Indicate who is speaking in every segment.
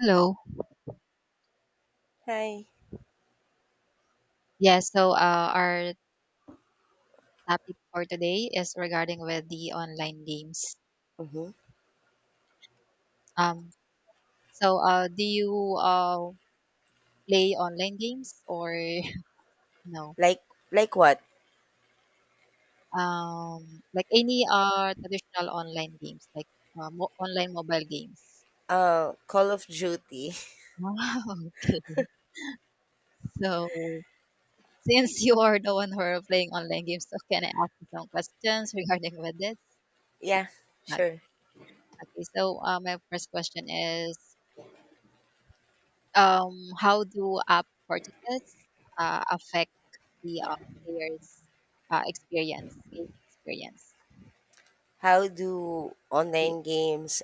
Speaker 1: Hello.
Speaker 2: Hi.
Speaker 1: Yes. Our topic for today is regarding with the online games.
Speaker 2: Mm-hmm.
Speaker 1: Um, do you play online games or no?
Speaker 2: Like what?
Speaker 1: Like any traditional online games, like online mobile games.
Speaker 2: Uh, Call of Duty.
Speaker 1: Wow, okay. So since you are the one who are playing online games, so can I ask you some questions regarding with this?
Speaker 2: Yeah,
Speaker 1: Okay,
Speaker 2: sure.
Speaker 1: okay. My first question is how do app purchases affect the player's experience, gaming experience?
Speaker 2: How do
Speaker 1: The,
Speaker 2: online games?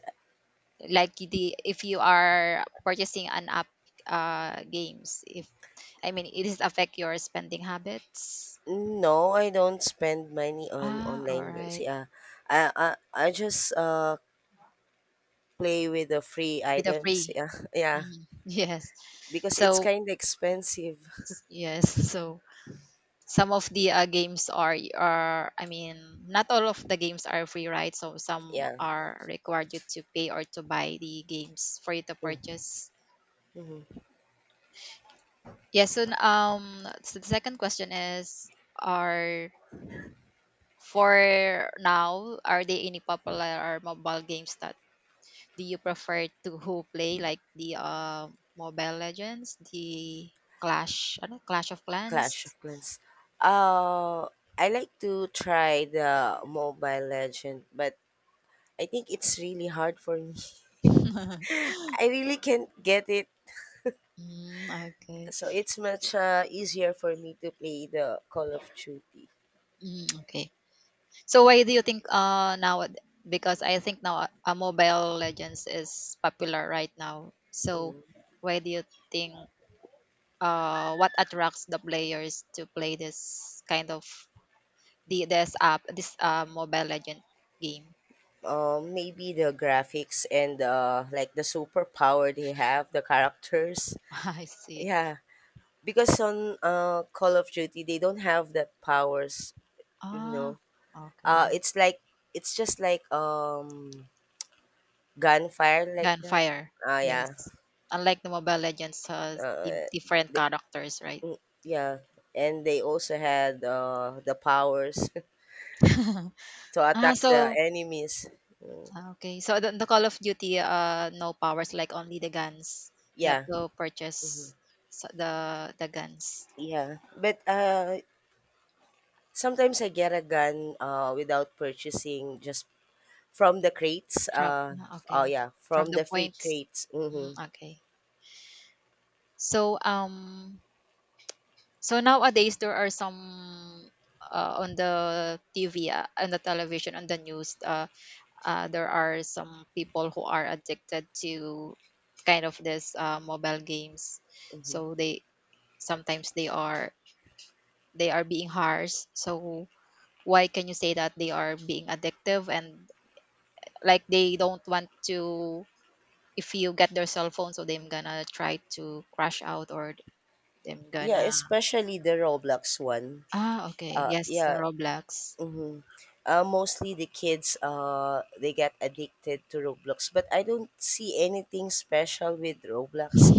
Speaker 1: like the if you are purchasing an app games, if I mean, it is affect your spending habits.
Speaker 2: No, I don't spend money on
Speaker 1: Ah, all
Speaker 2: online games.
Speaker 1: right,
Speaker 2: Yeah. I I, I just play with the free
Speaker 1: with the
Speaker 2: items.
Speaker 1: free.
Speaker 2: Yeah. Yeah.
Speaker 1: Mm, yes.
Speaker 2: Because it's
Speaker 1: So
Speaker 2: kind of expensive.
Speaker 1: yes. So some of the games are I mean not all of the games are free, right? So some
Speaker 2: Yeah.
Speaker 1: are required you to pay or to buy the games for you to purchase. Yes, so um, so the second question is, are for now, are there any popular mobile games that do you prefer to who play, like the uh, Mobile Legends, the clash of
Speaker 2: Clash
Speaker 1: Clans?
Speaker 2: of Clans. Uh, I like to try the Mobile Legend, but I think it's really hard for me. I really can't get it,
Speaker 1: Mm, okay.
Speaker 2: so it's much easier for me to play the Call of Duty.
Speaker 1: Mm, okay. So why do you think uh, now, because I think now Mobile Legends is popular right now. So why do you think uh, what attracts the players to play this kind of the this app, this uh, Mobile Legend game?
Speaker 2: Maybe the graphics and like the superpower they have, the characters.
Speaker 1: I see.
Speaker 2: Yeah, because on Call of Duty they don't have that powers. You
Speaker 1: Ah,
Speaker 2: know,
Speaker 1: okay.
Speaker 2: it's like it's just like gunfire like that.
Speaker 1: Gunfire.
Speaker 2: Ah, yeah.
Speaker 1: Yes. Unlike the Mobile Legends has
Speaker 2: Uh,
Speaker 1: different
Speaker 2: they,
Speaker 1: characters, right?
Speaker 2: mm, yeah, and they also had the powers to
Speaker 1: Ah,
Speaker 2: attack the
Speaker 1: so
Speaker 2: enemies.
Speaker 1: ah, okay. So the Call of Duty, no powers, like only the guns. You have
Speaker 2: Yeah.
Speaker 1: to purchase the guns
Speaker 2: Yeah, but, sometimes I get a gun, without purchasing, just from the crates,
Speaker 1: from ah,
Speaker 2: oh,
Speaker 1: okay,
Speaker 2: yeah,
Speaker 1: from
Speaker 2: from
Speaker 1: the
Speaker 2: the free
Speaker 1: points.
Speaker 2: crates, mhm.
Speaker 1: Mm, okay. So um, so nowadays there are some on the TV on the television, on the news uh, there are some people who are addicted to kind of this mobile games. So they sometimes they are, they are being harsh. So why can you say that they are being addictive and like they don't want to, if you get their cell phone so they're gonna try to crash out, or them
Speaker 2: Yeah,
Speaker 1: gonna
Speaker 2: especially the Roblox one.
Speaker 1: ah, okay,
Speaker 2: Uh,
Speaker 1: yes, the
Speaker 2: yeah,
Speaker 1: Roblox.
Speaker 2: Mostly the kids, they get addicted to Roblox, but I don't see anything special with Roblox.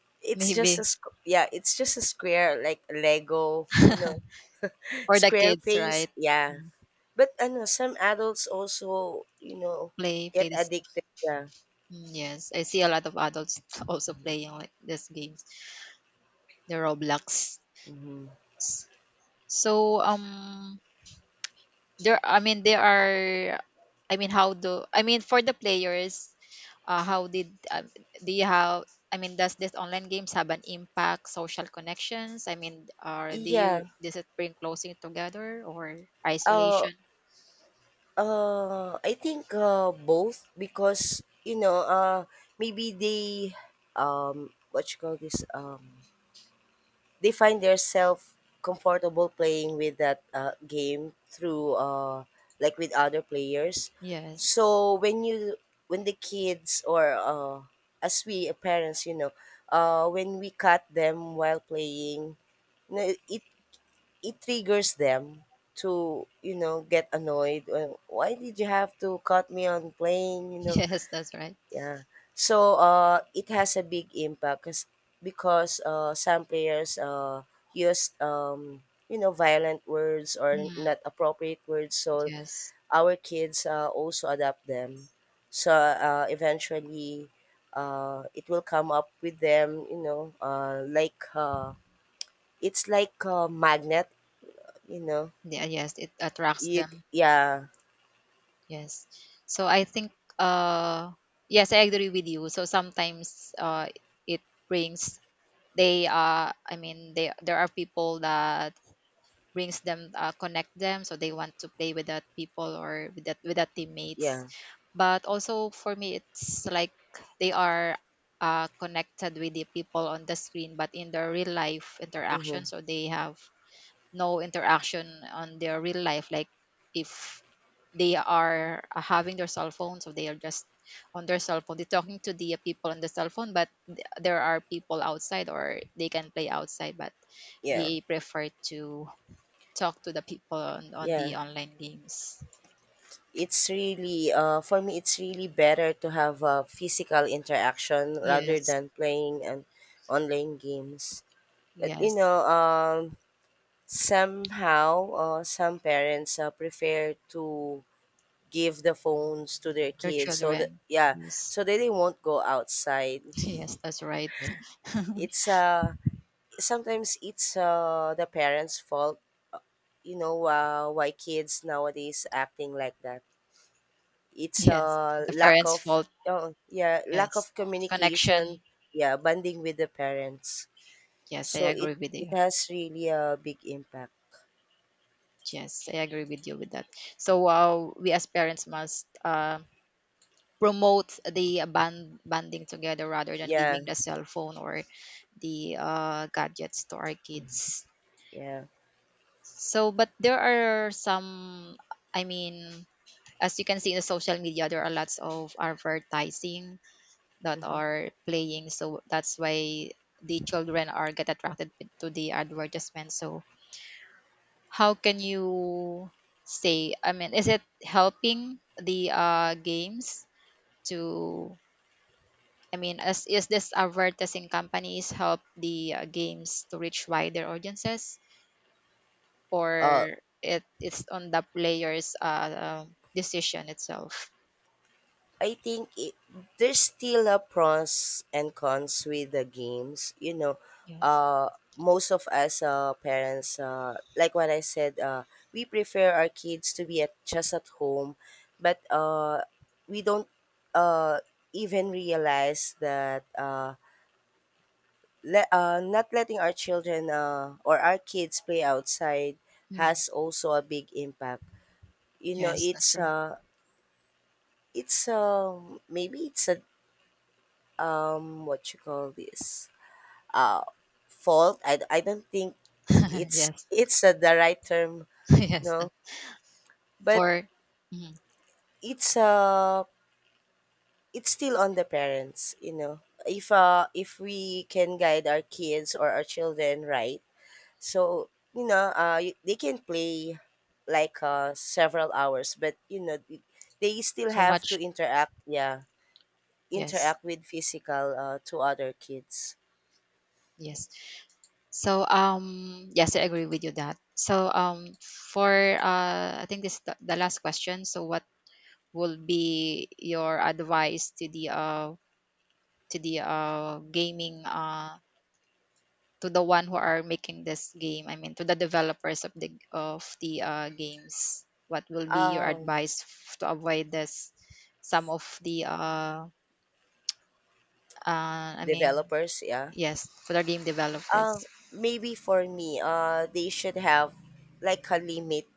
Speaker 2: It's just a
Speaker 1: Maybe
Speaker 2: sq- Yeah, it's just a square like Lego,
Speaker 1: or the
Speaker 2: square
Speaker 1: kids,
Speaker 2: face.
Speaker 1: right?
Speaker 2: Yeah,
Speaker 1: Mm,
Speaker 2: but ano, some adults also
Speaker 1: play
Speaker 2: get
Speaker 1: play this.
Speaker 2: addicted. Yeah,
Speaker 1: Mm, yes, I see a lot of adults also playing like these games, the Roblox. So um, there, I mean, there are, I mean, how do, I mean, for the players how did do you have, I mean, does this online games have an impact social connections? I mean, or do you,
Speaker 2: yeah.
Speaker 1: does it bring closing together or
Speaker 2: Uh,
Speaker 1: isolation?
Speaker 2: I think both, because you know maybe they what you call this they find themselves comfortable playing with that game through like with other players.
Speaker 1: Yes.
Speaker 2: So when you, when the kids or as we parents, you know, when we cut them while playing, you know, it triggers them to, you know, get annoyed. Why did you have to cut me on playing, you know?
Speaker 1: Yes, that's right.
Speaker 2: Yeah. So it has a big impact because some players use you know, violent words or
Speaker 1: Yeah,
Speaker 2: not appropriate words. So
Speaker 1: yes.
Speaker 2: our kids also adapt them. So eventually, it will come up with them. You know, like it's like a magnet. You know,
Speaker 1: Yeah, yes, it attracts
Speaker 2: you
Speaker 1: them.
Speaker 2: yeah.
Speaker 1: Yes, so I think uh, yes, I agree with you. So sometimes uh, it brings, they uh, I mean, they, there are people that brings them connect them so they want to play with that people or with that, with that
Speaker 2: Yeah.
Speaker 1: teammates. But also for me, it's like they are connected with the people on the screen, but in their real life
Speaker 2: Mm-hmm.
Speaker 1: interaction, so they have no interaction on their real life, like if they are having their cell phones or they are just on their cell phone, they're talking to the people on the cell phone but there are people outside or they can play outside but
Speaker 2: Yeah.
Speaker 1: they prefer to talk to the people on
Speaker 2: Yeah.
Speaker 1: the online games.
Speaker 2: It's really, for me, it's really better to have a physical interaction rather
Speaker 1: Yes.
Speaker 2: than playing and online games. But you
Speaker 1: Yes.
Speaker 2: know, somehow, some parents prefer to give the phones to their
Speaker 1: Their
Speaker 2: kids so that,
Speaker 1: children.
Speaker 2: yeah,
Speaker 1: Yes.
Speaker 2: so that they won't go outside.
Speaker 1: Yes, that's right.
Speaker 2: It's sometimes it's the parents' fault. You know, why kids nowadays acting like that. It's a
Speaker 1: Yes, the
Speaker 2: lack
Speaker 1: parents
Speaker 2: of,
Speaker 1: fault.
Speaker 2: oh, yeah, lack of
Speaker 1: Yes, connection.
Speaker 2: communication, yeah, bonding with the parents.
Speaker 1: Yes, I
Speaker 2: So it
Speaker 1: agree with
Speaker 2: it
Speaker 1: you.
Speaker 2: has really a big impact.
Speaker 1: Yes, I agree with you with that. So we as parents must promote the banding together rather than
Speaker 2: Yeah,
Speaker 1: giving the cell phone or the gadgets to our kids.
Speaker 2: yeah.
Speaker 1: So, but there are some. I mean, as you can see in the social media, there are lots of advertising that are playing. So that's why the children are get attracted to the advertisement. So how can you say, I mean, is it helping the games to, I mean, as is this advertising companies help the games to reach wider audiences,
Speaker 2: Uh
Speaker 1: or it it's on the player's uh, decision itself?
Speaker 2: I think there's still a pros and cons with the games. You know,
Speaker 1: Yes.
Speaker 2: uh, most of us parents, like what I said, we prefer our kids to be at, just at home, but we don't uh, even realize that not letting our children or our kids play outside
Speaker 1: Mm,
Speaker 2: has also a big impact. You know,
Speaker 1: yes, that's right.
Speaker 2: it's maybe it's a what you call this uh fault, I don't think it's
Speaker 1: Yes.
Speaker 2: it's the right term.
Speaker 1: Yes.
Speaker 2: No, but
Speaker 1: For mhm,
Speaker 2: it's uh it's still on the parents, you know. If if we can guide our kids or our children right, so you know they can play like several hours, but you know they still
Speaker 1: too
Speaker 2: have to
Speaker 1: much.
Speaker 2: interact, yeah,
Speaker 1: Yes,
Speaker 2: interact with physical to other kids.
Speaker 1: yes. So, yes, I agree with you that. So, for I think this is the last question. So, what will be your advice to the uh, to the uh, gaming uh, to the one who are making this game? I mean, to the developers of the uh, games. What will be your
Speaker 2: um
Speaker 1: advice to avoid this? Some of the uh, I mean,
Speaker 2: developers, yeah.
Speaker 1: yes, for the game developers.
Speaker 2: Uh, Maybe for me, they should have like a limit.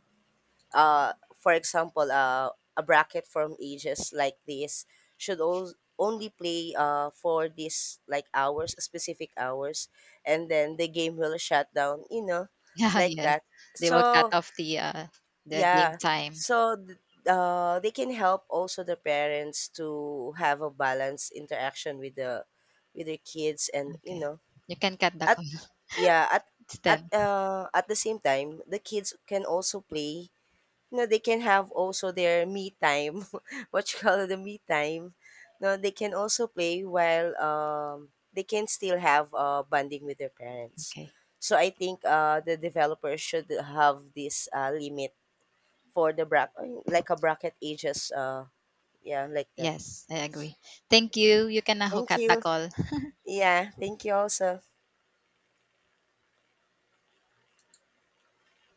Speaker 2: For example, a bracket from ages like this should all only play for this like hours, specific hours, and then the game will shut down, you know,
Speaker 1: Yeah,
Speaker 2: like
Speaker 1: yes,
Speaker 2: that.
Speaker 1: they will cut
Speaker 2: So,
Speaker 1: off the uh, the game
Speaker 2: yeah.
Speaker 1: time.
Speaker 2: So, they can help also the parents to have a balanced interaction with the, with their kids, and you
Speaker 1: Okay.
Speaker 2: know,
Speaker 1: You can cut the
Speaker 2: at,
Speaker 1: call.
Speaker 2: yeah, at,
Speaker 1: It's 10.
Speaker 2: at the same time the kids can also play, you know, they can have also their me time what you call it, the me time. No, they can also play while they can still have bonding with their parents.
Speaker 1: Okay.
Speaker 2: So I think the developers should have this limit for the bracket, like a bracket ages, uh, yeah, like that.
Speaker 1: Yes, I agree. Thank you. You can now
Speaker 2: Thank
Speaker 1: cut the
Speaker 2: you.
Speaker 1: call.
Speaker 2: Yeah, thank you also.